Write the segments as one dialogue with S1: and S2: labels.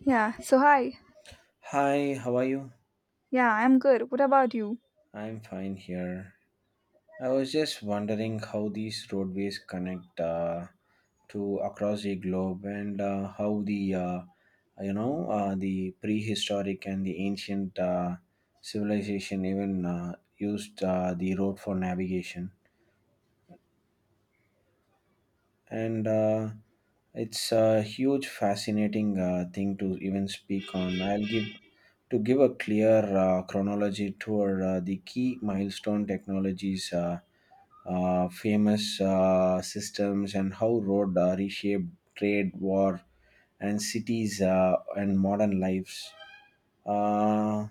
S1: Yeah, so hi.
S2: Hi, how are you?
S1: Yeah, I'm good. What about you?
S2: I'm fine here. I was just wondering how these roadways connect to across the globe, and how the the prehistoric and the ancient civilization even used the road for navigation. And It's a huge fascinating thing to even speak on. I'll give To give a clear chronology toward the key milestone technologies, famous systems, and how road reshaped trade, war, and cities, and modern lives. uh,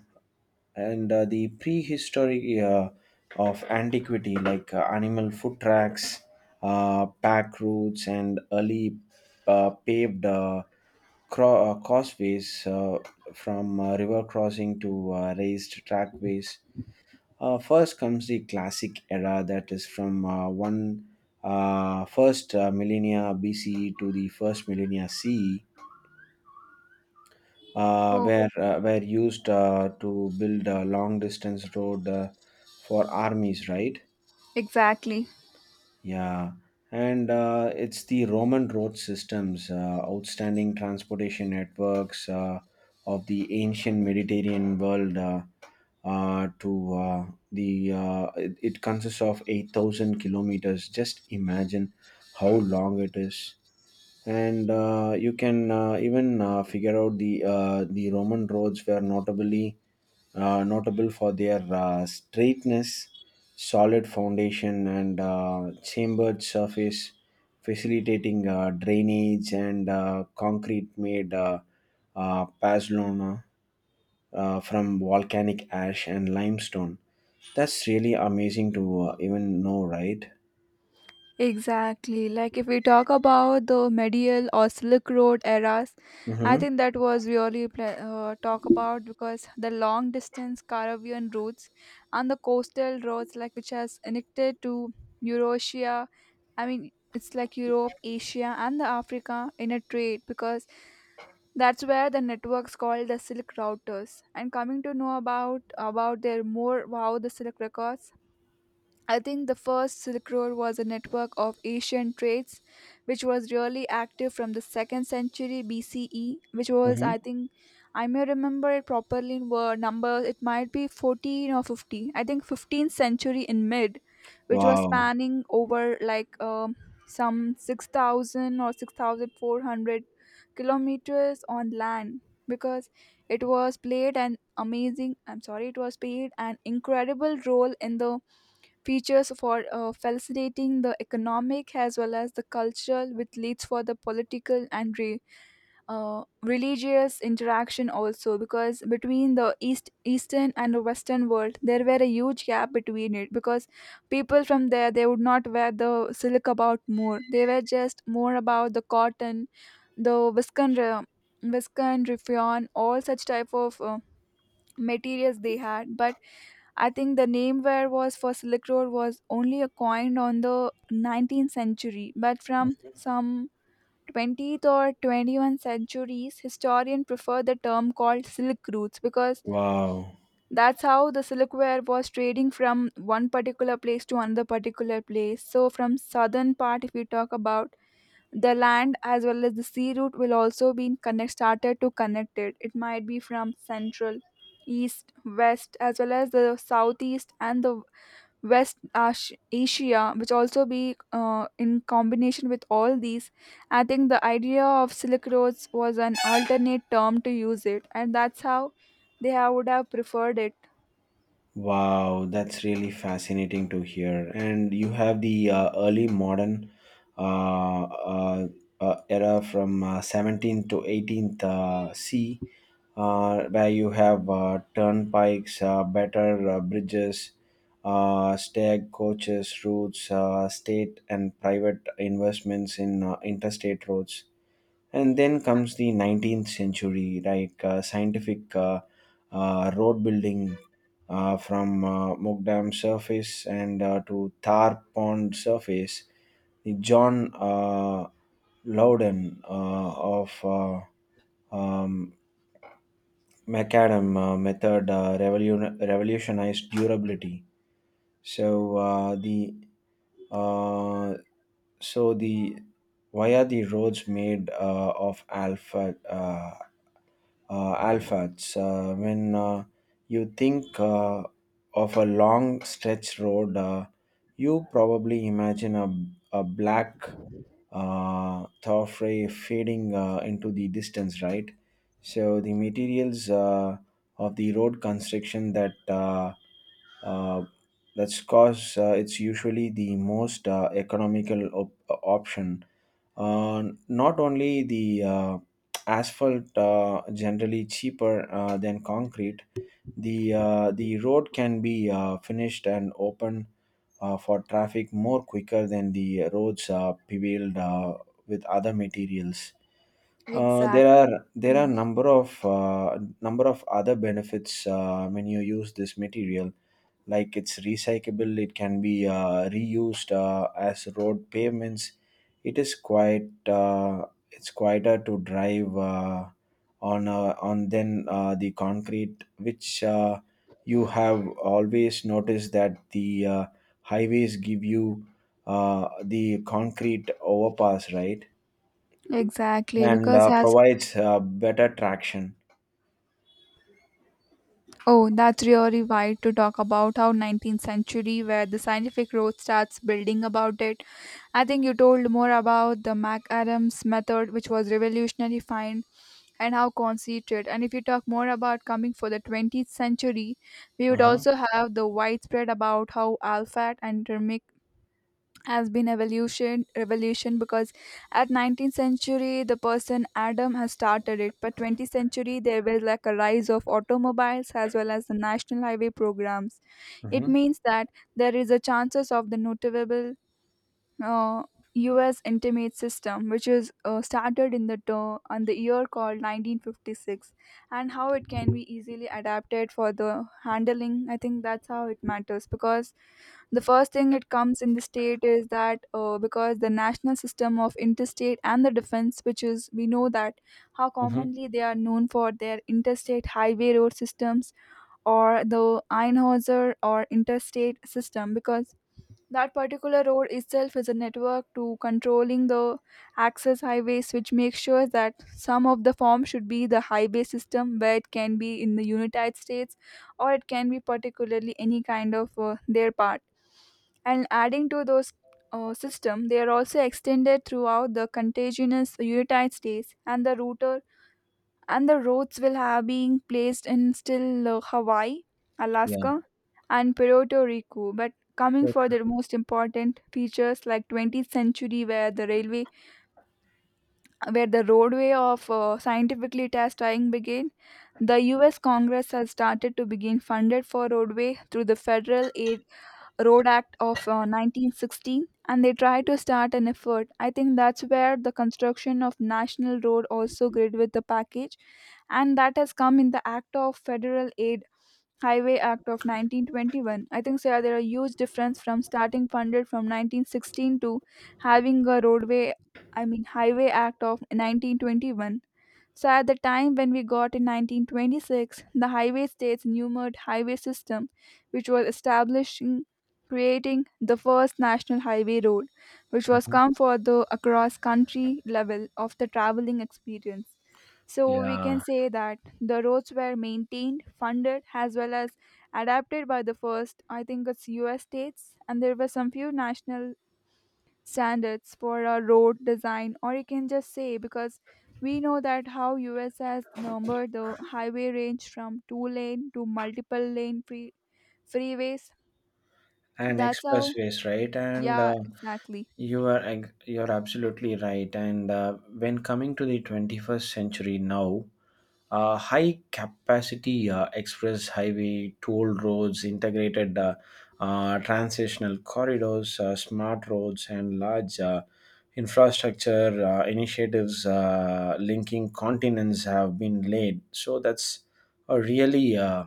S2: and The prehistory of antiquity, like animal foot tracks, pack routes, and early paved causeways from river crossing to raised trackways. First comes the classic era, that is from one first millennia BCE to the first millennia CE,
S1: Oh,
S2: were used to build a long distance road, for armies, right?
S1: exactly.
S2: Yeah, and it's the Roman road systems, outstanding transportation networks of the ancient Mediterranean world. To the It consists of 8,000 kilometers. Just imagine how long it is. And you can even figure out the Roman roads were notably notable for their straightness, solid foundation, and chambered surface, facilitating drainage, and concrete made Pazlona from volcanic ash and limestone. That's really amazing to even know, right?
S1: Exactly. Like if we talk about the medieval or Silk Road eras, I
S2: Mm-hmm.
S1: think that was really talk about because the long distance Caribbean routes and the coastal roads like which has connected to Eurasia. I mean, it's like Europe, Asia, and the Africa in a trade because that's where the networks called the silk routers. And coming to know about their more, wow, the silk records. I think the first Silk Road was a network of Asian trades which was really active from the 2nd century BCE, which was, I
S2: Mm-hmm.
S1: think, I may remember it properly in word numbers, it might be 14 or 50, I think 15th century in mid, which was
S2: Wow.
S1: spanning over like some 6,000 or 6,400 kilometers on land because it was played an amazing, I'm sorry, it was played an incredible role in the features for facilitating the economic as well as the cultural, which leads for the political and religious interaction also, because between the eastern and the western world there were a huge gap between it because people from there, they would not wear the silk about more, they were just more about the cotton, the viscon viscon riffion, all such type of materials they had. But I think the name where was for Silk Road was only a coin on the 19th century, but from some 20th or 21st centuries, historians prefer the term called silk routes because
S2: Wow.
S1: that's how the silkware was trading from one particular place to another particular place. So, from southern part, if we talk about the land as well as the sea route will also be connect, started to connect it. It might be from central, east, west, as well as the southeast and the Asia, which also be in combination with all these. I think the idea of Silk Roads was an alternate term to use it, and that's how they have, would have preferred it.
S2: Wow, that's really fascinating to hear. And you have the early modern uh, uh, era from 17th to 18th C, where you have turnpikes, better bridges, stagecoaches, routes, state and private investments in interstate roads. And then comes the 19th century, like scientific road building from Mokdam surface and to Thar Pond surface. The John Loudon of um, macadam method revolutionized durability. So the uh, so the Why are the roads made of alpha alphas? When you think of a long stretch road, you probably imagine a black Thor fading into the distance, right? So the materials of the road construction uh, that's cause it's usually the most economical option. Not only the asphalt generally cheaper than concrete, the road can be finished and open for traffic more quicker than the roads are paved with other materials. There
S1: Exactly.
S2: are number of other benefits when you use this material, like it's recyclable, it can be reused as road pavements. It is quite it's quieter to drive on than the concrete, which you have always noticed that the highways give you the concrete overpass, right?
S1: Exactly.
S2: And
S1: Because as.
S2: provides better traction.
S1: Oh, that's really wide to talk about how 19th century where the scientific road starts building about it. I think you told more about the MacAdams method, which was revolutionary find and how conceited. And if you talk more about coming for the 20th century, we would
S2: Uh-huh.
S1: also have the widespread about how alpha and thermic has been evolution revolution because at 19th century the person Adam has started it, but 20th century there was like a rise of automobiles as well as the national highway programs. It
S2: Mm-hmm.
S1: means that there is a chances of the notable uh, U.S. intimate system, which is started in the on the year called 1956, and how it can be easily adapted for the handling. I think that's how it matters because the first thing it comes in the state is that because the national system of interstate and the defense, which is we know that how
S2: Mm-hmm.
S1: commonly they are known for their interstate highway road systems, or the Einhauser or interstate system, because that particular road itself is a network to controlling the access highways, which makes sure that some of the form should be the highway system, where it can be in the United States or it can be particularly any kind of their part. And adding to those system, they are also extended throughout the contiguous United States and the router, and the roads will have been placed in still Hawaii,
S2: Yeah.
S1: Alaska, and Puerto Rico. But coming for the most important features like 20th century, where the railway, where the roadway of scientifically testing began, the U.S. Congress has started to begin funded for roadway through the federal aid Road Act of 1916, and they try to start an effort. I think that's where the construction of National Road also grid with the package, and that has come in the Act of Federal Aid Highway Act of 1921. I think sir, there are huge difference from starting funded from 1916 to having a roadway, I mean Highway Act of 1921, so at the time when we got in 1926, the highway state's numbered highway system, which was establishing, creating the first national highway road, which was
S2: Mhm.
S1: come for the across country level of the traveling experience. So we can
S2: Yeah.
S1: say that the roads were maintained, funded, as well as adapted by the first, I think it's US states, and there were some few national standards for a road design, or you can just say because we know that how us has numbered the highway range from two lane to multiple lane freeways.
S2: And
S1: That's how,
S2: expressways, right? And
S1: yeah, exactly.
S2: you're absolutely right. And when coming to the 21st century now, high capacity express highway, toll roads, integrated transitional corridors, smart roads, and large infrastructure initiatives linking continents have been laid. So that's a really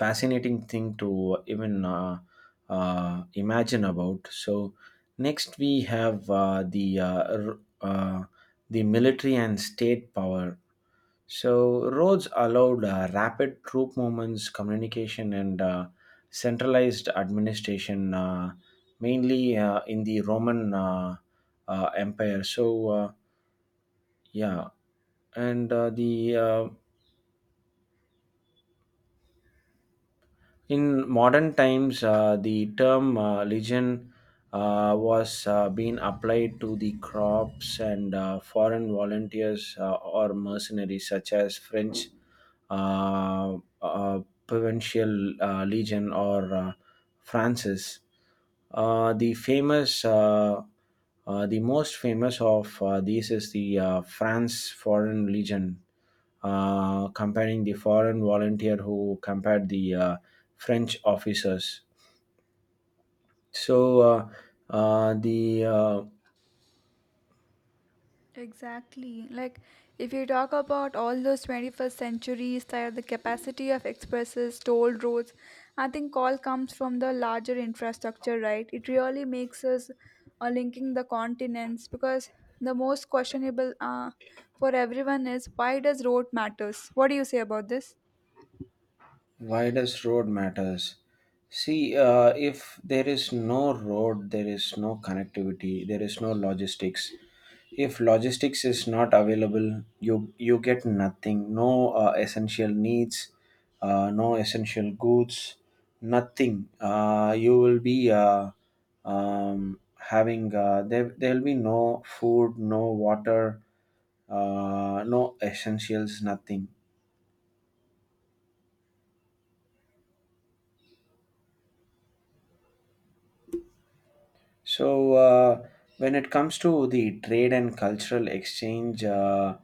S2: fascinating thing to even imagine about. So next we have the military and state power. So roads allowed rapid troop movements, communication, and centralized administration, mainly in the Roman Empire. So yeah, and the In modern times, the term legion was being applied to the crops and foreign volunteers or mercenaries, such as French uh, uh, provincial legion or Francis. Uh, the famous, uh, the most famous of these is the France Foreign Legion, comparing the foreign volunteer who compared the French officers. So the
S1: Exactly. Like, if you talk about all those 21st century style, the capacity of expresses, toll roads, I think all comes from the larger infrastructure, right? It really makes us linking the continents because the most questionable for everyone is, why does road matters? What do you say about this?
S2: Why does road matters? See, if there is no road, there is no connectivity, there is no logistics. If logistics is not available, you get nothing. No essential needs, no essential goods, nothing. You will be having there. There will be no food, no water, no essentials, nothing. So, when it comes to the trade and cultural exchange,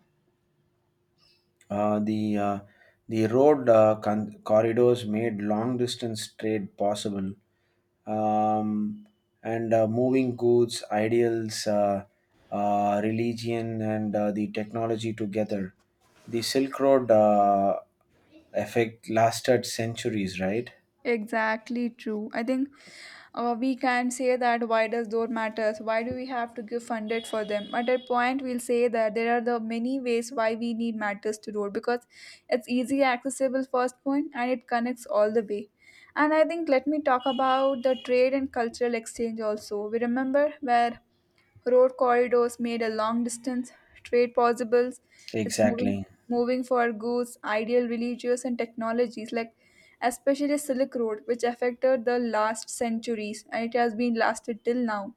S2: uh, the uh, the road corridors made long distance trade possible, um, and moving goods, ideals, religion, and the technology together. The Silk Road effect lasted centuries, right?
S1: Exactly true. I think we can say that why does door matters? Why do we have to give funded for them? At that point, we'll say that there are the many ways why we need matters to road because it's easy accessible first point, and it connects all the way. And I think let me talk about the trade and cultural exchange also. We remember where Road corridors made a long distance trade possible. It's moving
S2: Exactly.
S1: moving for goods, ideal religious and technologies, like especially Silk Road, which affected the last centuries and it has been lasted till now.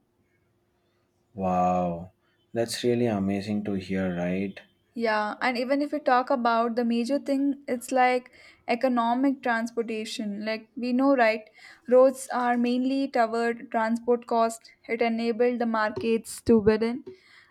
S2: Wow, that's really amazing to hear, right?
S1: Yeah, and even if we talk about the major thing, it's like economic transportation. Like we know, right? Roads are mainly covered transport cost. It enabled the markets to bid in.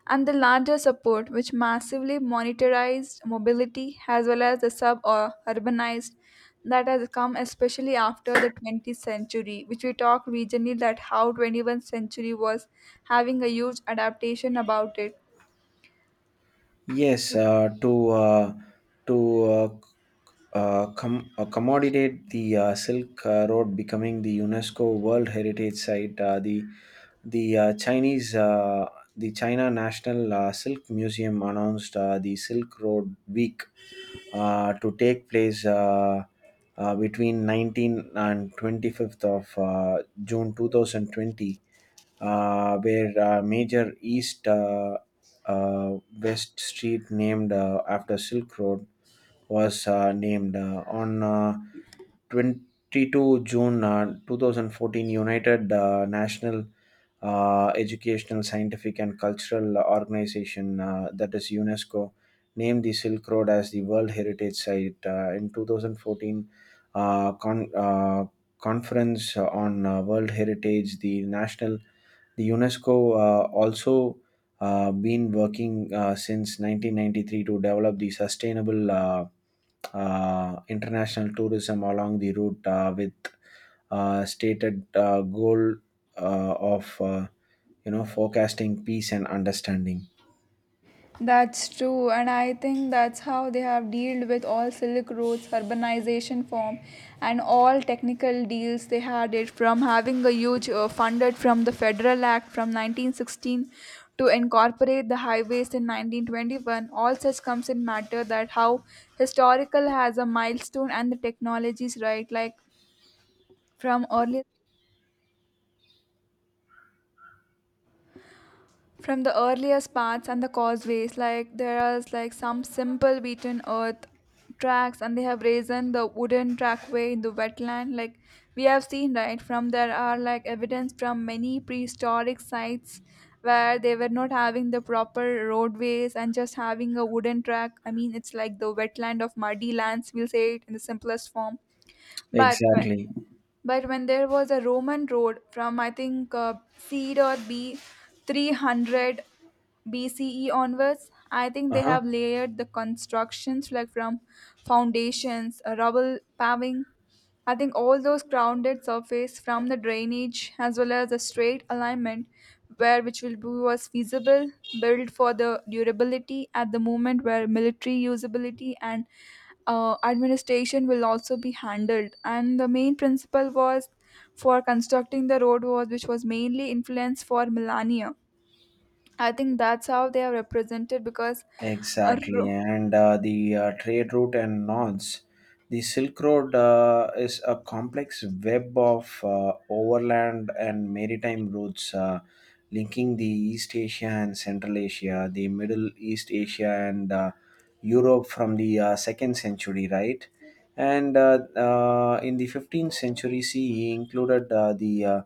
S1: And the larger support, which massively monetized mobility as well as the sub or urbanized, that has come especially after the 20th century, which we talked regionally that how 21st century was having a huge adaptation about it.
S2: Yes, to uh, accommodate the Silk Road becoming the UNESCO World Heritage Site, the Chinese the China National Silk Museum announced the Silk Road Week to take place between 19th and 25th of June 2020, where major East West Street, named after Silk Road, was named on. 22 June 2014, United National Educational, Scientific, and Cultural Organization, that is UNESCO, named the Silk Road as the World Heritage Site. In 2014, uh, con- uh, Conference on World Heritage, the UNESCO also been working since 1993 to develop the sustainable international tourism along the route, with stated goal of forecasting peace and understanding.
S1: That's true, and I think that's how they have dealt with all Silk Roads, urbanization form, and all technical deals they had it from having a huge funded from the Federal Act from 1916 to incorporate the highways in 1921. All such comes in matter that how historical has a milestone and the technologies, right? Like from early From the earliest paths and the causeways, like there is like some simple beaten earth tracks, and they have risen the wooden trackway in the wetland. Like we have seen, right? From there are like evidence from many prehistoric sites where they were not having the proper roadways and just having a wooden track. I mean, it's like the wetland of muddy lands. We'll say it in the simplest form, but. but
S2: Exactly.
S1: but when there was a Roman road from I think C or B 300 BCE onwards, I think they
S2: Uh-huh.
S1: have layered the constructions like from foundations, rubble paving. I think all those grounded surface from the drainage as well as the straight alignment where which will be was feasible, built for the durability at the moment where military usability and administration will also be handled. And the main principle was for constructing the road was which was mainly influenced for millennia. I think that's how they are represented because a
S2: Exactly,
S1: ro-
S2: and the trade route and knots. The Silk Road is a complex web of overland and maritime routes linking the East Asia and Central Asia, the Middle East Asia, and Europe from the second century, right? And in the 15th century CE, included uh, the uh,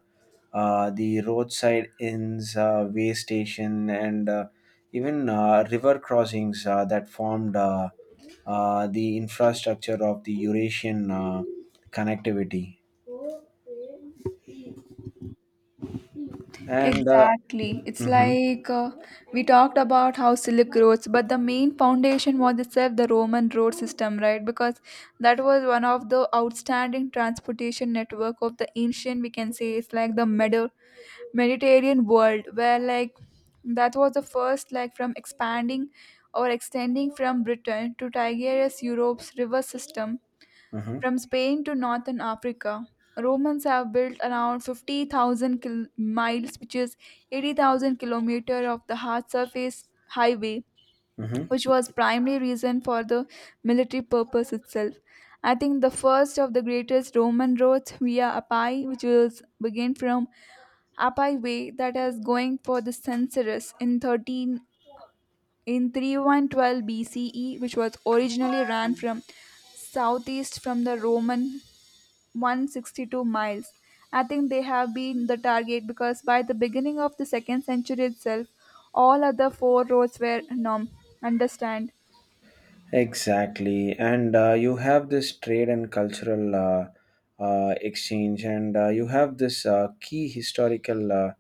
S2: uh, the roadside inns, way station, and even river crossings that formed the infrastructure of the Eurasian connectivity. And
S1: Exactly. It's
S2: Mhm.
S1: like we talked about how Silk roads, but the main foundation was itself the Roman road system, right? Because that was one of the outstanding transportation network of the ancient, we can say, it's like the Mediterranean world, where like that was the first, like from expanding or extending from Britain to Tigris, Europe's river system,
S2: Mhm.
S1: from Spain to northern Africa, Romans have built around 50,000 miles, which is 80,000 kilometer of the hard surface highway,
S2: Mhm.
S1: which was primary reason for the military purpose itself. I think the first of the greatest Roman roads via Appii, which was begin from Appii Way, that is going for the Censorus in 13, in 3 1 12 B BCE, which was originally ran from southeast from the Roman 162 miles. I think they have been the target because by the beginning of the 2nd century itself, all other four roads were norm. Understand?
S2: Exactly, and you have this trade and cultural exchange, and you have this key historical uh,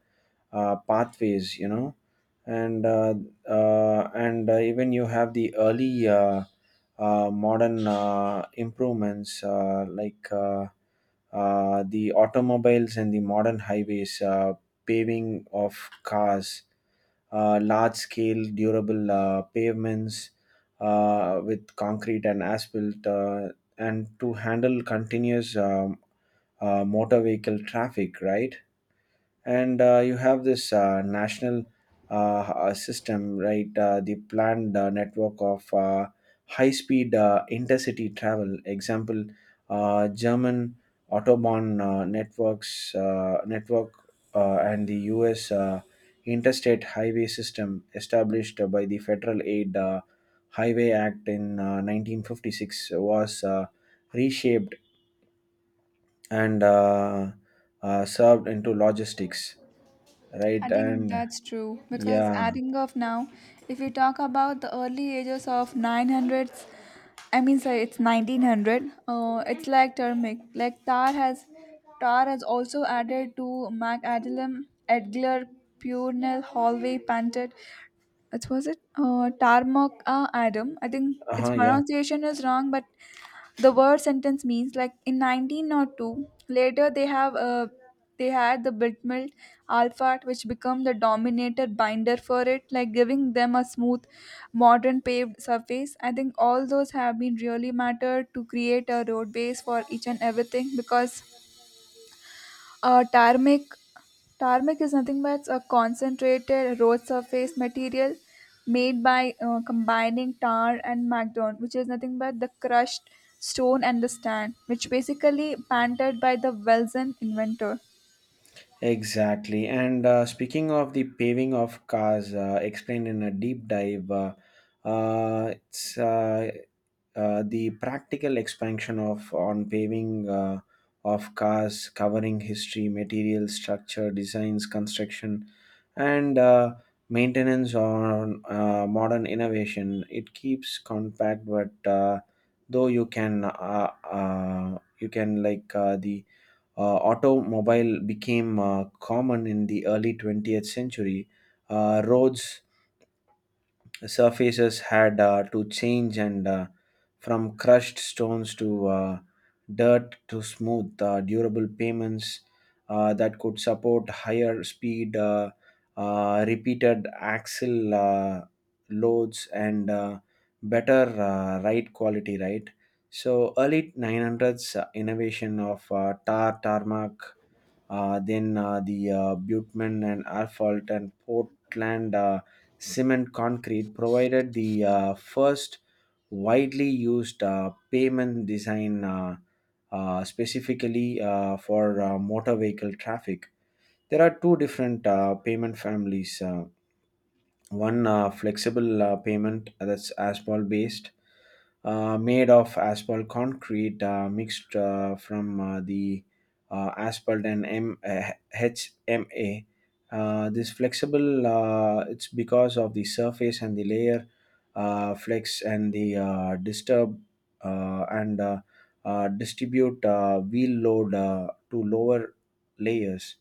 S2: uh, pathways, and even you have the early modern improvements like the automobiles and the modern highways, paving of cars, large scale durable pavements with concrete and asphalt, and to handle continuous motor vehicle traffic, right? And you have this national uh, system, right? The planned network of high speed intercity travel, example German autobahn network, and the US interstate highway system established by the Federal Aid Highway Act in 1956, was reshaped and served into logistics,
S1: I
S2: right?
S1: think
S2: And
S1: that's true because
S2: yeah.
S1: adding of now, if you talk about the early ages of 900s, I mean sorry, it's 1900. It's like turmeric. Like tar has also added to Mac Adilem, Edgler, Purnell, Hallway, Panted. What was it? Tarmoc Adam. I think its
S2: Uh-huh. Yeah,
S1: pronunciation is wrong, but the word sentence means like in 1902 later they had the bitmelt alphard which become the dominated binder for it, like giving them a smooth modern paved surface. I think all those have been really mattered to create a road base for each and everything, because uh, tarmac tarmac is nothing but a concentrated road surface material made by combining tar and macdon, which is nothing but the crushed stone and the sand, which basically patented by the Welsen inventor.
S2: exactly. And speaking of the paving of cars explained in a deep dive, it's the practical expansion of on paving of cars, covering history, material, structure, designs, construction, and maintenance on modern innovation. It keeps compact, but though you can like the automobile became common in the early 20th century. Roads surfaces had to change, and from crushed stones to dirt to smooth durable pavements that could support higher speed, repeated axle loads, and better ride quality, right? So early 900s innovation of tarmac, then the bitumen and asphalt and Portland cement concrete provided the first widely used payment design, specifically for motor vehicle traffic. There are two different payment families. One flexible pavement, that's asphalt based, made of asphalt concrete mixed from the asphalt and HMA. This flexible, it's because of the surface and the layer flex and the disturb and distribute wheel load to lower layers,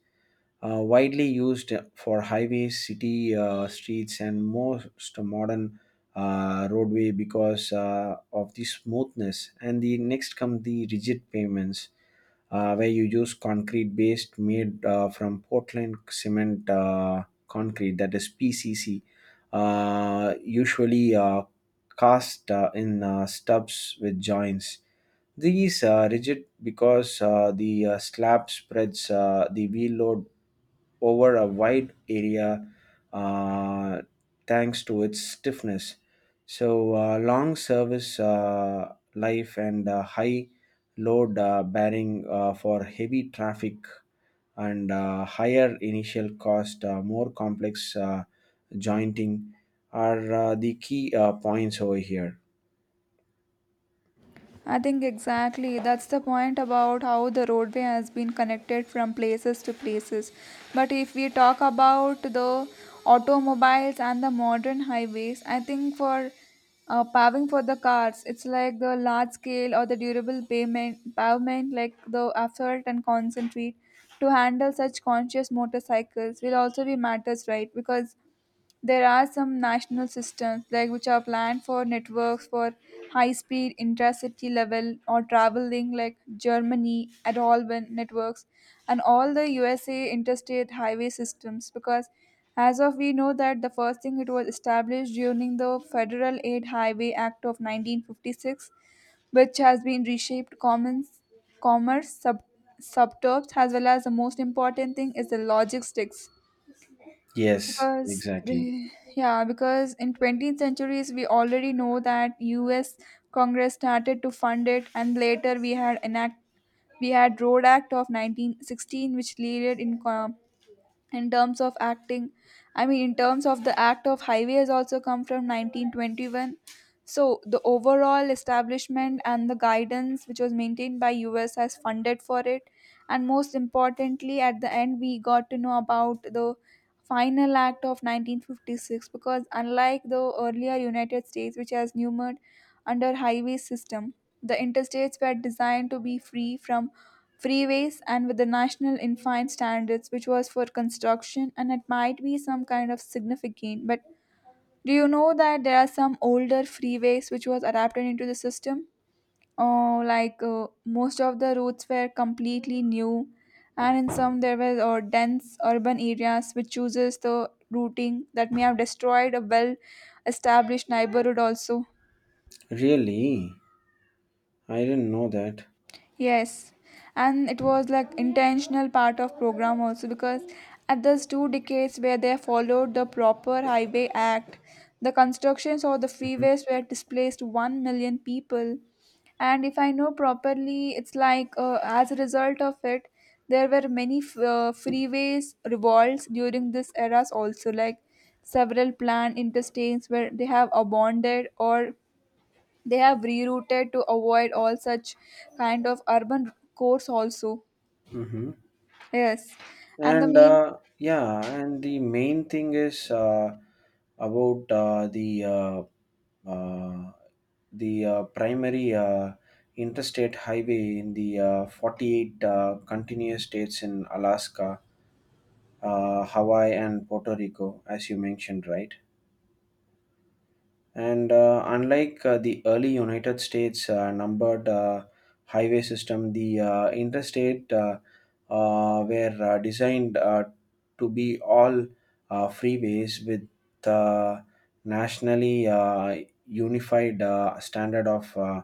S2: widely used for highways, city streets, and most modern roadway, because of the smoothness. And the next come the rigid pavements, where you use concrete based made from Portland cement concrete, that is PCC, usually cast in stubs with joints. These are rigid because the slab spreads the wheel load over a wide area, uh, thanks to its stiffness. So, long service life and high load bearing for heavy traffic, and higher initial cost, more complex jointing are the key points over here.
S1: I think exactly that's the point about how the roadway has been connected from places to places. But if we talk about the automobiles and the modern highways, I think for paving for the cars, it's like the large scale or the durable pavement like the asphalt and concentrate to handle such conscious motorcycles will also be matters, right? Because there are some national systems like which are planned for networks for high speed intracity level or traveling like Germany at all when networks, and all the USA interstate highway systems, because as of we know that the first thing, it was established during the federal aid highway act of 1956, which has been reshaped commons commerce subterms, as well as the most important thing is the logistics,
S2: Yes,
S1: because
S2: exactly.
S1: yeah, because in 20th centuries we already know that US congress started to fund it. And later we had road act of 1916, which leaded in in terms of acting. I mean, in terms of the act of highways, also come from 1921. So the overall establishment and the guidance which was maintained by US has funded for it. And most importantly at the end we got to know about the final act of 1956, because unlike the earlier United States, which has numerous under highway system, the interstates were designed to be free from freeways and with the national infine standards which was for construction, and it might be some kind of significant. But do you know that there are some older freeways which was adapted into the system? Oh, like most of the routes were completely new, and in some there were dense urban areas which chooses the routing that may have destroyed a well established neighborhood also.
S2: Really? I didn't know that.
S1: Yes, and it was like intentional part of program also, because at those 2 decades where they followed the proper highway act, the constructions or the
S2: hmm
S1: freeways were displaced 1 million people. And if I know properly, it's like as a result of it, there were many freeways revolts during this eras also, like several planned interstates where they have abandoned, or they have rerouted to avoid all such kind of urban cores also.
S2: hmm
S1: Yes. And the
S2: And
S1: main
S2: uh, yeah, and the main thing is about uh, the primary interstate highway in the 48 continuous states in Alaska, Hawaii, and Puerto Rico, as you mentioned, right? And unlike the early United States numbered highway system, the interstate were designed to be all freeways with uh, nationally unified standard of uh,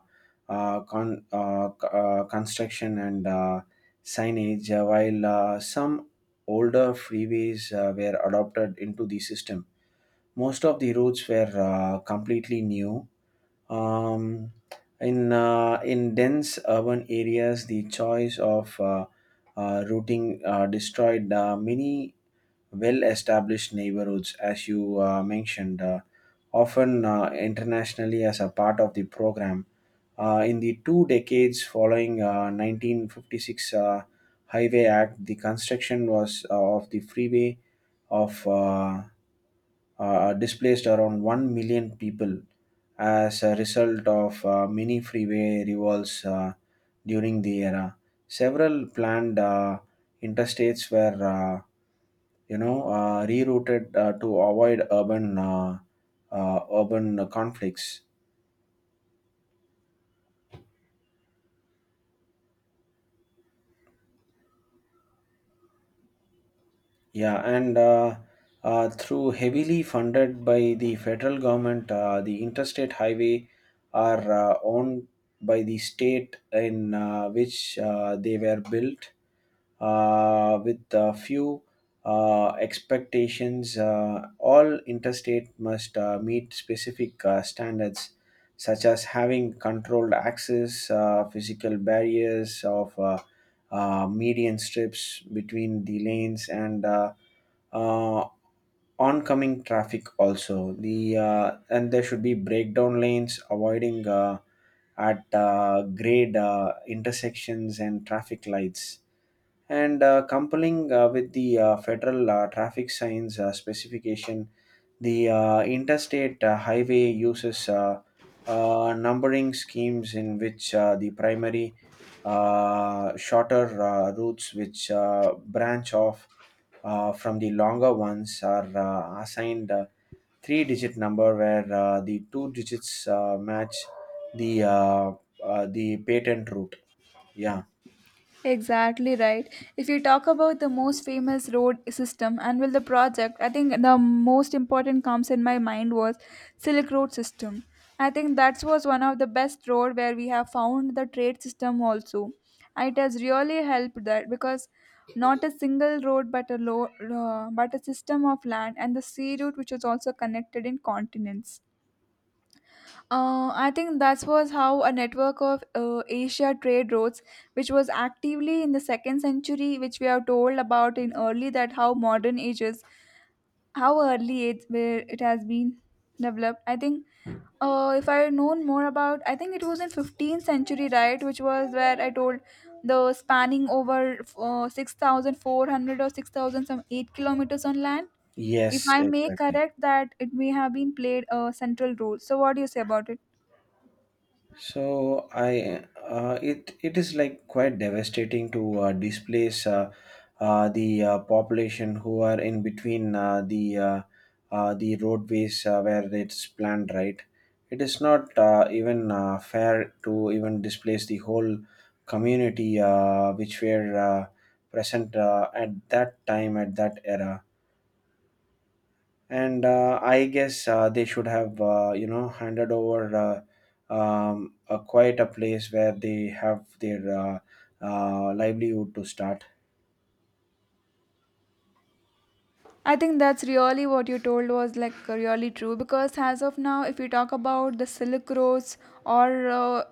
S2: uh, con- uh, c- uh, construction and signage, while some older freeways were adopted into the system. Most of the routes were completely new. Um, in dense urban areas, the choice of routing destroyed many well-established neighborhoods, as you mentioned, often internationally as a part of the program. In the 2 decades following 1956 Highway Act, the construction was of the freeway of. Displaced around 1 million people as a result of mini freeway revolts during the era. Several planned interstates were, rerouted to avoid urban conflicts. Yeah, and through heavily funded by the federal government, the interstate highway are owned by the state in which they were built, with a few expectations. All interstate must meet specific standards, such as having controlled access, physical barriers of median strips between the lanes and uh, oncoming traffic. Also the and there should be breakdown lanes avoiding at grade intersections and traffic lights, and complying with the federal traffic signs specification. The interstate highway uses numbering schemes in which the primary shorter routes which branch off from the longer ones are assigned a three digit number where the two digits match the uh, the patent route. Yeah,
S1: Exactly, right. If you talk about the most famous road system and will the project, I think the most important comes in my mind was Silk Road system. I think that was one of the best road where we have found the trade system also. It has really helped that, because not a single road, but a system of land and the sea route which was also connected in continents. I think that was how a network of Asia trade routes, which was actively in the second century, which we are told about in early, that how modern ages, how early it where it has been developed. I think if I had known more about, I think it was in 15th century, right, which was where I told the spanning over 6,400 or 6,000 some 8 kilometers on land. If
S2: yes,
S1: I may
S2: exactly.
S1: correct that, it may have been played a central role. So, what do you say about it?
S2: So I it is like quite devastating to displace the population who are in between the roadways where it's planned, right. It is not even fair to even displace the whole community which were present at that time, at that era, and I guess they should have handed over a quite a place where they have their livelihood to start.
S1: I think that's really what you told was like really true, because as of now, if you talk about the Silk Roads, or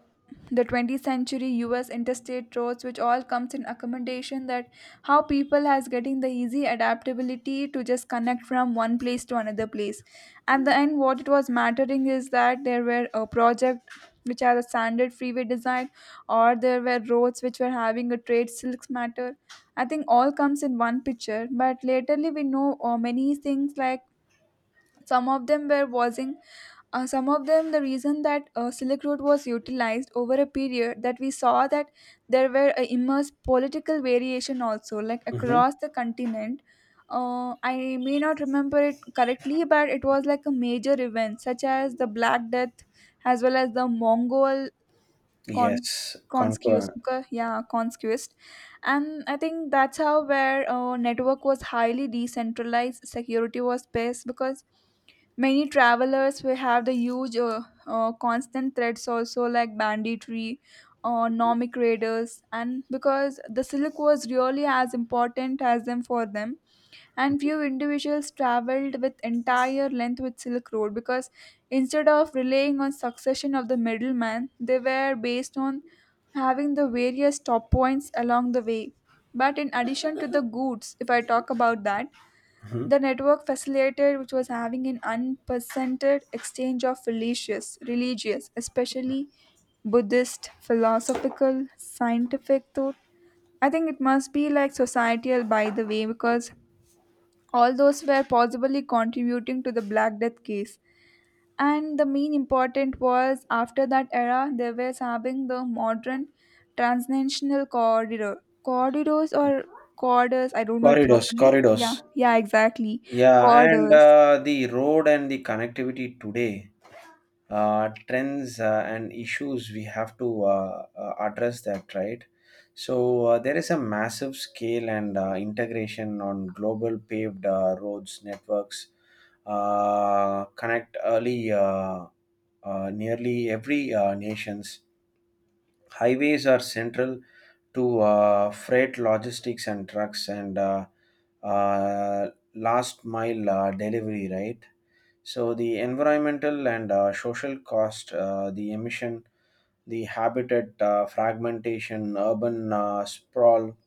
S1: the 20th century U.S. interstate roads, which all comes in accommodation that how people has getting the easy adaptability to just connect from one place to another place, at the end, what it was mattering is that there were a project which had a standard freeway design, or there were roads which were having a trade silks matter. I think all comes in one picture, but laterly we know many things, like some of them were wasing, some of them the reason that silk road was utilized over a period, that we saw that there were a immense political variation also, like
S2: Hmm.
S1: across the continent. I may not remember it correctly, but it was like a major event such as the Black Death as well as the Mongol con-
S2: Yes,
S1: conquest.
S2: conquer.
S1: Yeah, conquest. And I think that's how where network was highly decentralized, security was best, because many travelers will have the huge constant threats also, like banditry, nomadic raiders, and because the silk was really as important as them for them, and few individuals traveled with entire length with Silk Road, because instead of relying on succession of the middleman, they were based on having the various stop points along the way. But in addition to the goods, if I talk about that,
S2: Mhm.
S1: the network facilitated which was having an unprecedented exchange of religious, especially Buddhist, philosophical, scientific thought. I think it must be like societal by the way, because all those were possibly contributing to the Black Death case, and the main important was after that era they were having the modern transnational corridors or corridors, I don't know it
S2: Corridors,
S1: properly. Yeah,
S2: corridors.
S1: yeah, exactly.
S2: Yeah, and
S1: Corridors,
S2: uh, the road and the connectivity today, trends and issues we have to address that, right. So there is a massive scale and integration on global paved roads networks, connect early nearly every nations. Highways are central to freight logistics and trucks and uh, last mile delivery, right. So the environmental and social cost, the emission, the habitat fragmentation, urban sprawl,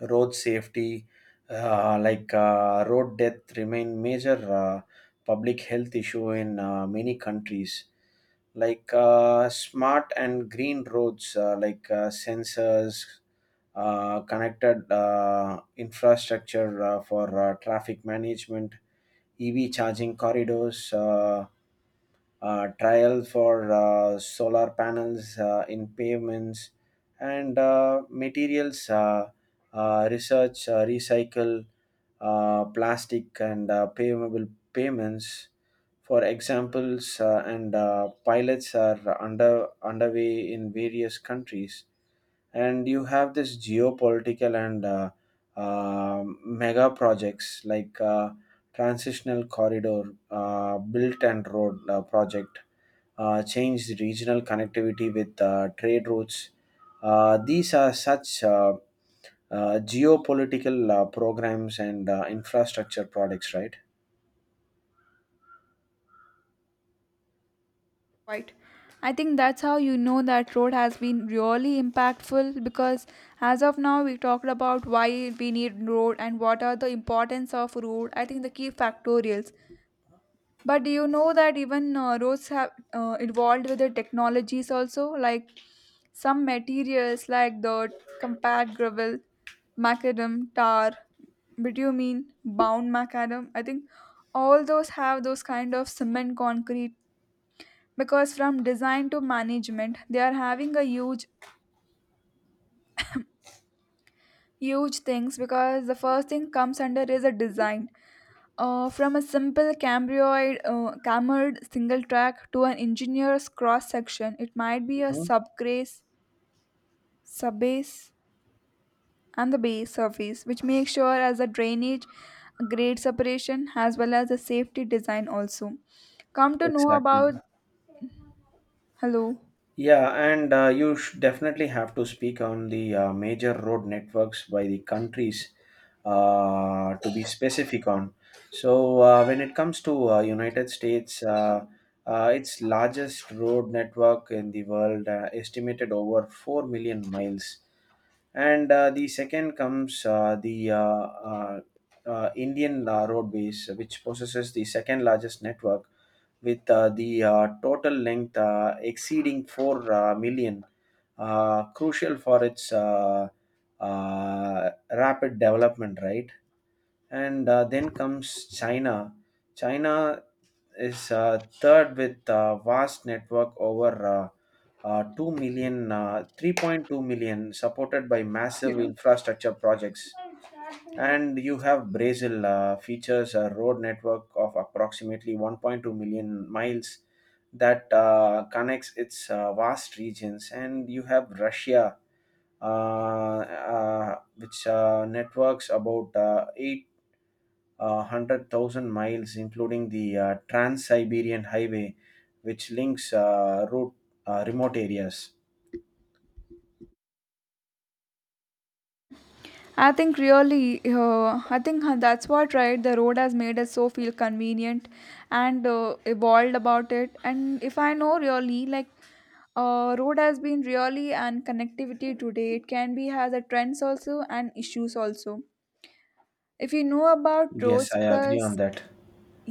S2: road safety, road death remain major public health issue in many countries. Like smart and green roads, sensors, connected infrastructure for traffic management, EV charging corridors. Trial for solar panels in pavements, and materials research, recycle plastic and payable payments, for examples, and pilots are underway in various countries. And you have this geopolitical and mega projects like transitional corridor, built and road project, changed regional connectivity with trade routes. These are such geopolitical programs and infrastructure products, right?
S1: right? I think that's how you know that road has been really impactful, because as of now we talked about why we need road and what are the importance of road, I think the key factorials. But do you know that even roads have evolved with the technologies also, like some materials like dirt, compact gravel, macadam, tar, bitumen, bound macadam. I think all those have those kind of cement concrete, because from design to management they are having a huge things, because the first thing comes under is a design, from a simple cambrioid cambered single track to an engineer's cross section. It might be a
S2: Mhm.
S1: subgrace, subbase and the base surface, which makes sure as a drainage, grade separation, as well as a safety design also. Come to know
S2: Exactly.
S1: about hello.
S2: Yeah, and you definitely have to speak on the major road networks by the countries, to be specific on. So when it comes to United States, its largest road network in the world, estimated over 4 million miles, and the second comes the Indian roadways, which possesses the second largest network with the total length exceeding 4 million, crucial for its rapid development, right? And then comes China. China is third with a vast network over 2 million, 3.2 million, supported by
S1: You
S2: massive
S1: know.
S2: infrastructure projects. And you have Brazil, features a road network of approximately 1.2 million miles that connects its vast regions. And you have Russia, which networks about eight 100,000 miles, including the Trans Siberian Highway, which links route, remote areas.
S1: I think really, I think that's what, right. The road has made us so feel convenient and evolved about it. And if I know really, like, road has been really and connectivity today. It can be has a trends also and issues also, if you know about
S2: Yes,
S1: roads,
S2: I agree
S1: because
S2: on that.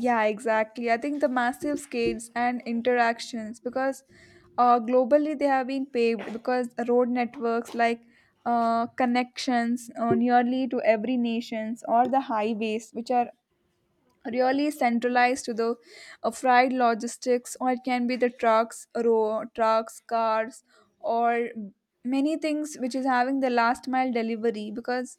S1: yeah, exactly. I think the massive scales and interactions, because globally they have been paved, because road networks like connections nearly to every nations, or the highways which are really centralized to the fried logistics, or it can be the trucks row trucks cars, or many things which is having the last mile delivery, because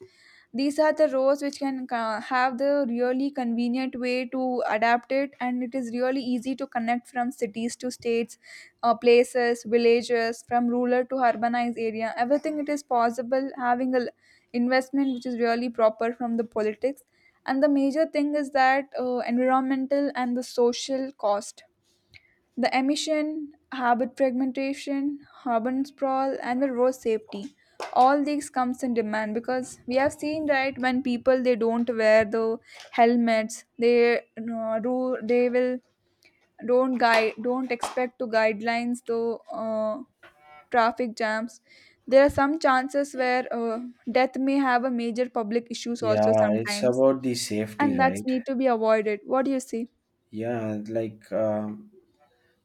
S1: these are the roads which can have the really convenient way to adapt it, and it is really easy to connect from cities to states, places villages, from rural to urbanized area, everything it is possible having investment which is really proper from the politics. And the major thing is that environmental and the social cost, the emission, habit fragmentation, urban sprawl and the road safety, all these comes in demand, because we have seen, right, when people they don't wear the helmets, they do they will don't guide, don't expect to guidelines, the uh, traffic jams, there are some chances where death may have a major public issues also
S2: Yeah, it's
S1: sometimes,
S2: about the safety,
S1: and that's
S2: right?
S1: need to be avoided. What do you see?
S2: Yeah, like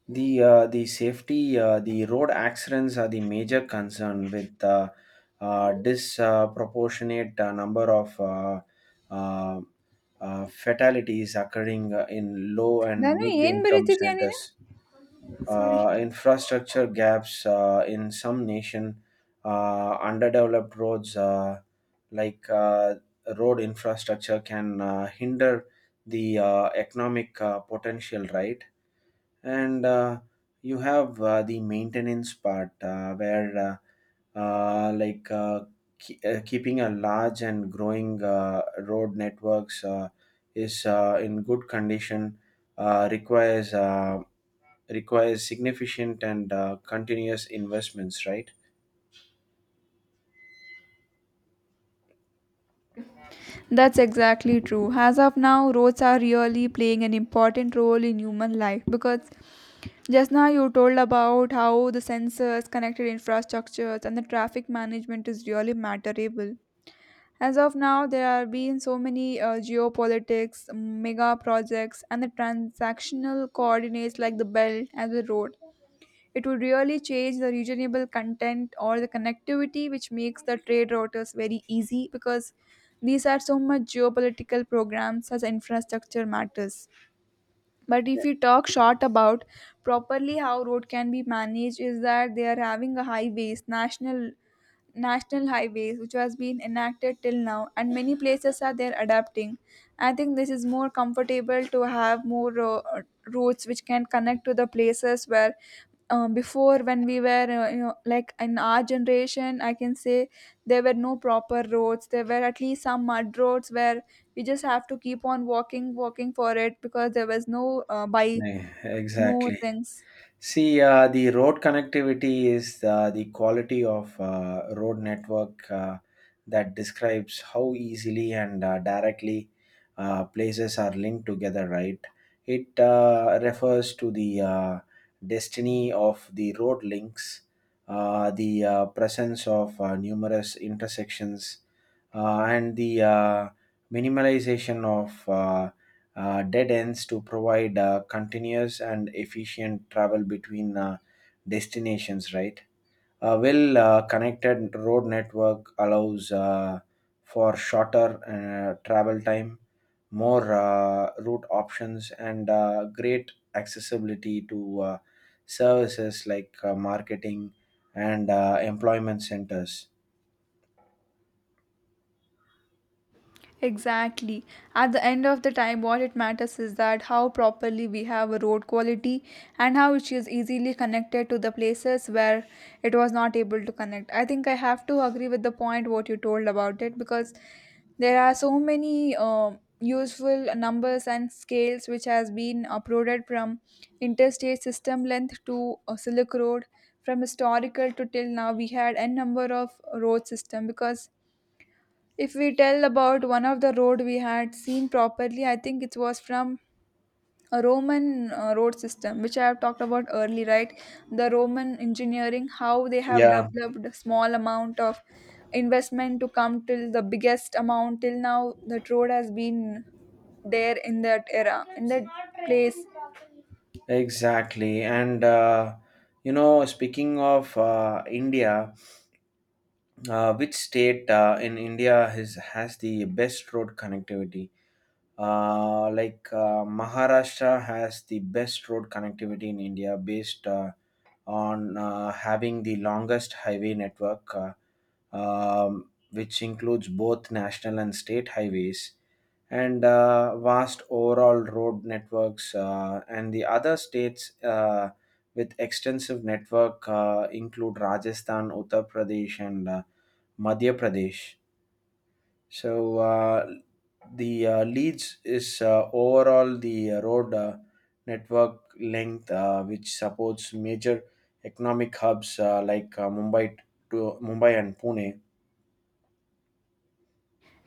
S2: the safety, the road accidents are the major concern with disproportionate number of uh, fatalities occurring in low and
S1: ನಾನು
S2: mid
S1: ಏನ್
S2: income
S1: ಬರೀತಿದ್ಯಾ ನೀನು.
S2: centers. Infrastructure gaps in some nation, underdeveloped roads, like road infrastructure can hinder the economic potential, right? And you have the maintenance part where like keeping a large and growing road networks is in good condition uh, requires uh, requires significant and continuous investments, right?
S1: That's exactly true. As of now, roads are really playing an important role in human life, because just now you told about how the sensors, connected infrastructures, and the traffic management is really matterable. As of now, there have been so many geopolitics, mega projects, and the transactional coordinates like the belt and the road. It would really change the regional content or the connectivity, which makes the trade routes very easy, because these are so much geopolitical programs as infrastructure matters. But if we talk short about properly how road can be managed, is that they are having a highways, national highways which has been enacted till now, and many places are there adapting. I think this is more comfortable to have more routes which can connect to the places where before when we were like in our generation I can say, there were no proper roads, there were at least some mud roads where we just have to keep on walking for it, because there was no by no
S2: Exactly.
S1: things.
S2: See, the road connectivity is the quality of road network that describes how easily and directly places are linked together, right? It refers to the destiny of the road links, the presence of numerous intersections, and the minimalization of dead ends to provide continuous and efficient travel between destinations, right? A well connected road network allows for shorter travel time, more route options, and great accessibility to services like marketing and employment centers.
S1: Exactly. At the end of the time, what it matters is that how properly we have a road quality and how it is easily connected to the places where it was not able to connect. I think I have to agree with the point what you told about it, because there are so many useful numbers and scales which has been uploaded from interstate system length to Silk Road. From historical to till now, we had n number of road system, because if we tell about one of the road we had seen properly, I think it was from a Roman road system, which I have talked about early, right? The Roman engineering, how they have
S2: Yeah,
S1: developed a small amount of investment to come till the biggest amount till now. That road has been there in that era, in that place.
S2: exactly. And, speaking of India, which state in India has the best road connectivity? Maharashtra has the best road connectivity in India based on having the longest highway network, which includes both national and state highways and vast overall road networks, and the other states with extensive network include Rajasthan, Uttar Pradesh, and Madhya Pradesh. So the Leeds is overall the road network length which supports major economic hubs Mumbai and Pune.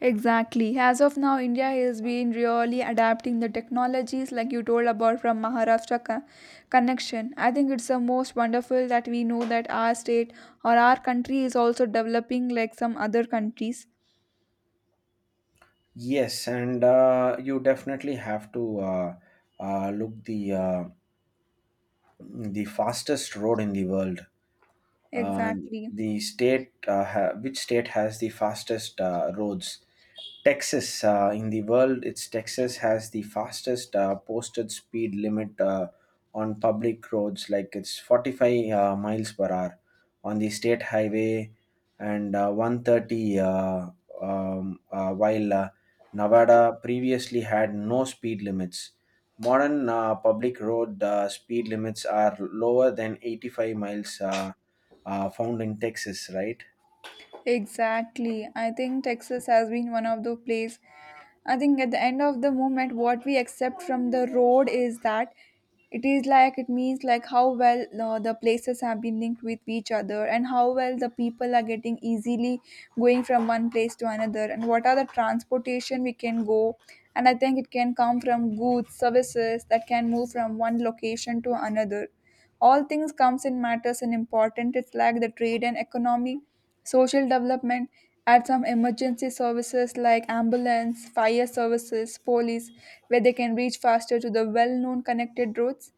S1: Exactly. As of now, India has been really adapting the technologies like you told about from Maharashtra connection. I think it's the most wonderful that we know that our state or our country is also developing like some other countries.
S2: Yes, and you definitely have to look the fastest road in the world. Uh,
S1: Exactly.
S2: which state has the fastest roads? Texas, in the world. It's Texas has the fastest posted speed limit on public roads, like it's 45 miles per hour on the state highway, and 130, while Nevada previously had no speed limits. Modern public road speed limits are lower than 85 miles, found in Texas, right?
S1: Exactly. I think Texas has been one of the place. I think at the end of the moment, what we accept from the road is that it is like it means like how well the places have been linked with each other, and how well the people are getting easily going from one place to another, and what are the transportation we can go. And I think it can come from goods services that can move from one location to another, all things comes in matters and important, it's like the trade and economy, social development, add some emergency services like ambulance, fire services, police, where they can reach faster to the well-known connected roads.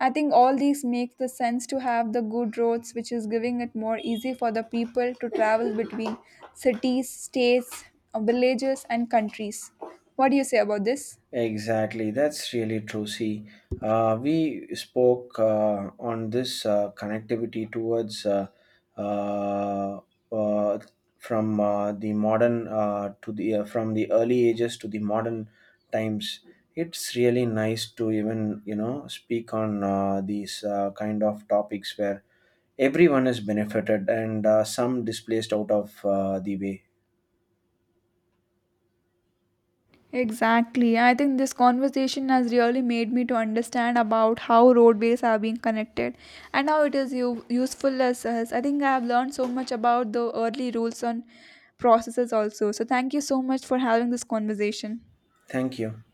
S1: I think all these make the sense to have the good roads, which is giving it more easy for the people to travel between cities, states, villages, and countries. What do you say about this?
S2: Exactly, that's really true. See, we spoke on this connectivity towards uh, uh, from the modern to the from the early ages to the modern times. It's really nice to even speak on these kind of topics where everyone is benefited and some displaced out of the way.
S1: Exactly. I think this conversation has really made me to understand about how roadways are being connected and how it is useful as us. I think I have learned so much about the early rules on processes also. So thank you so much for having this conversation.
S2: Thank you.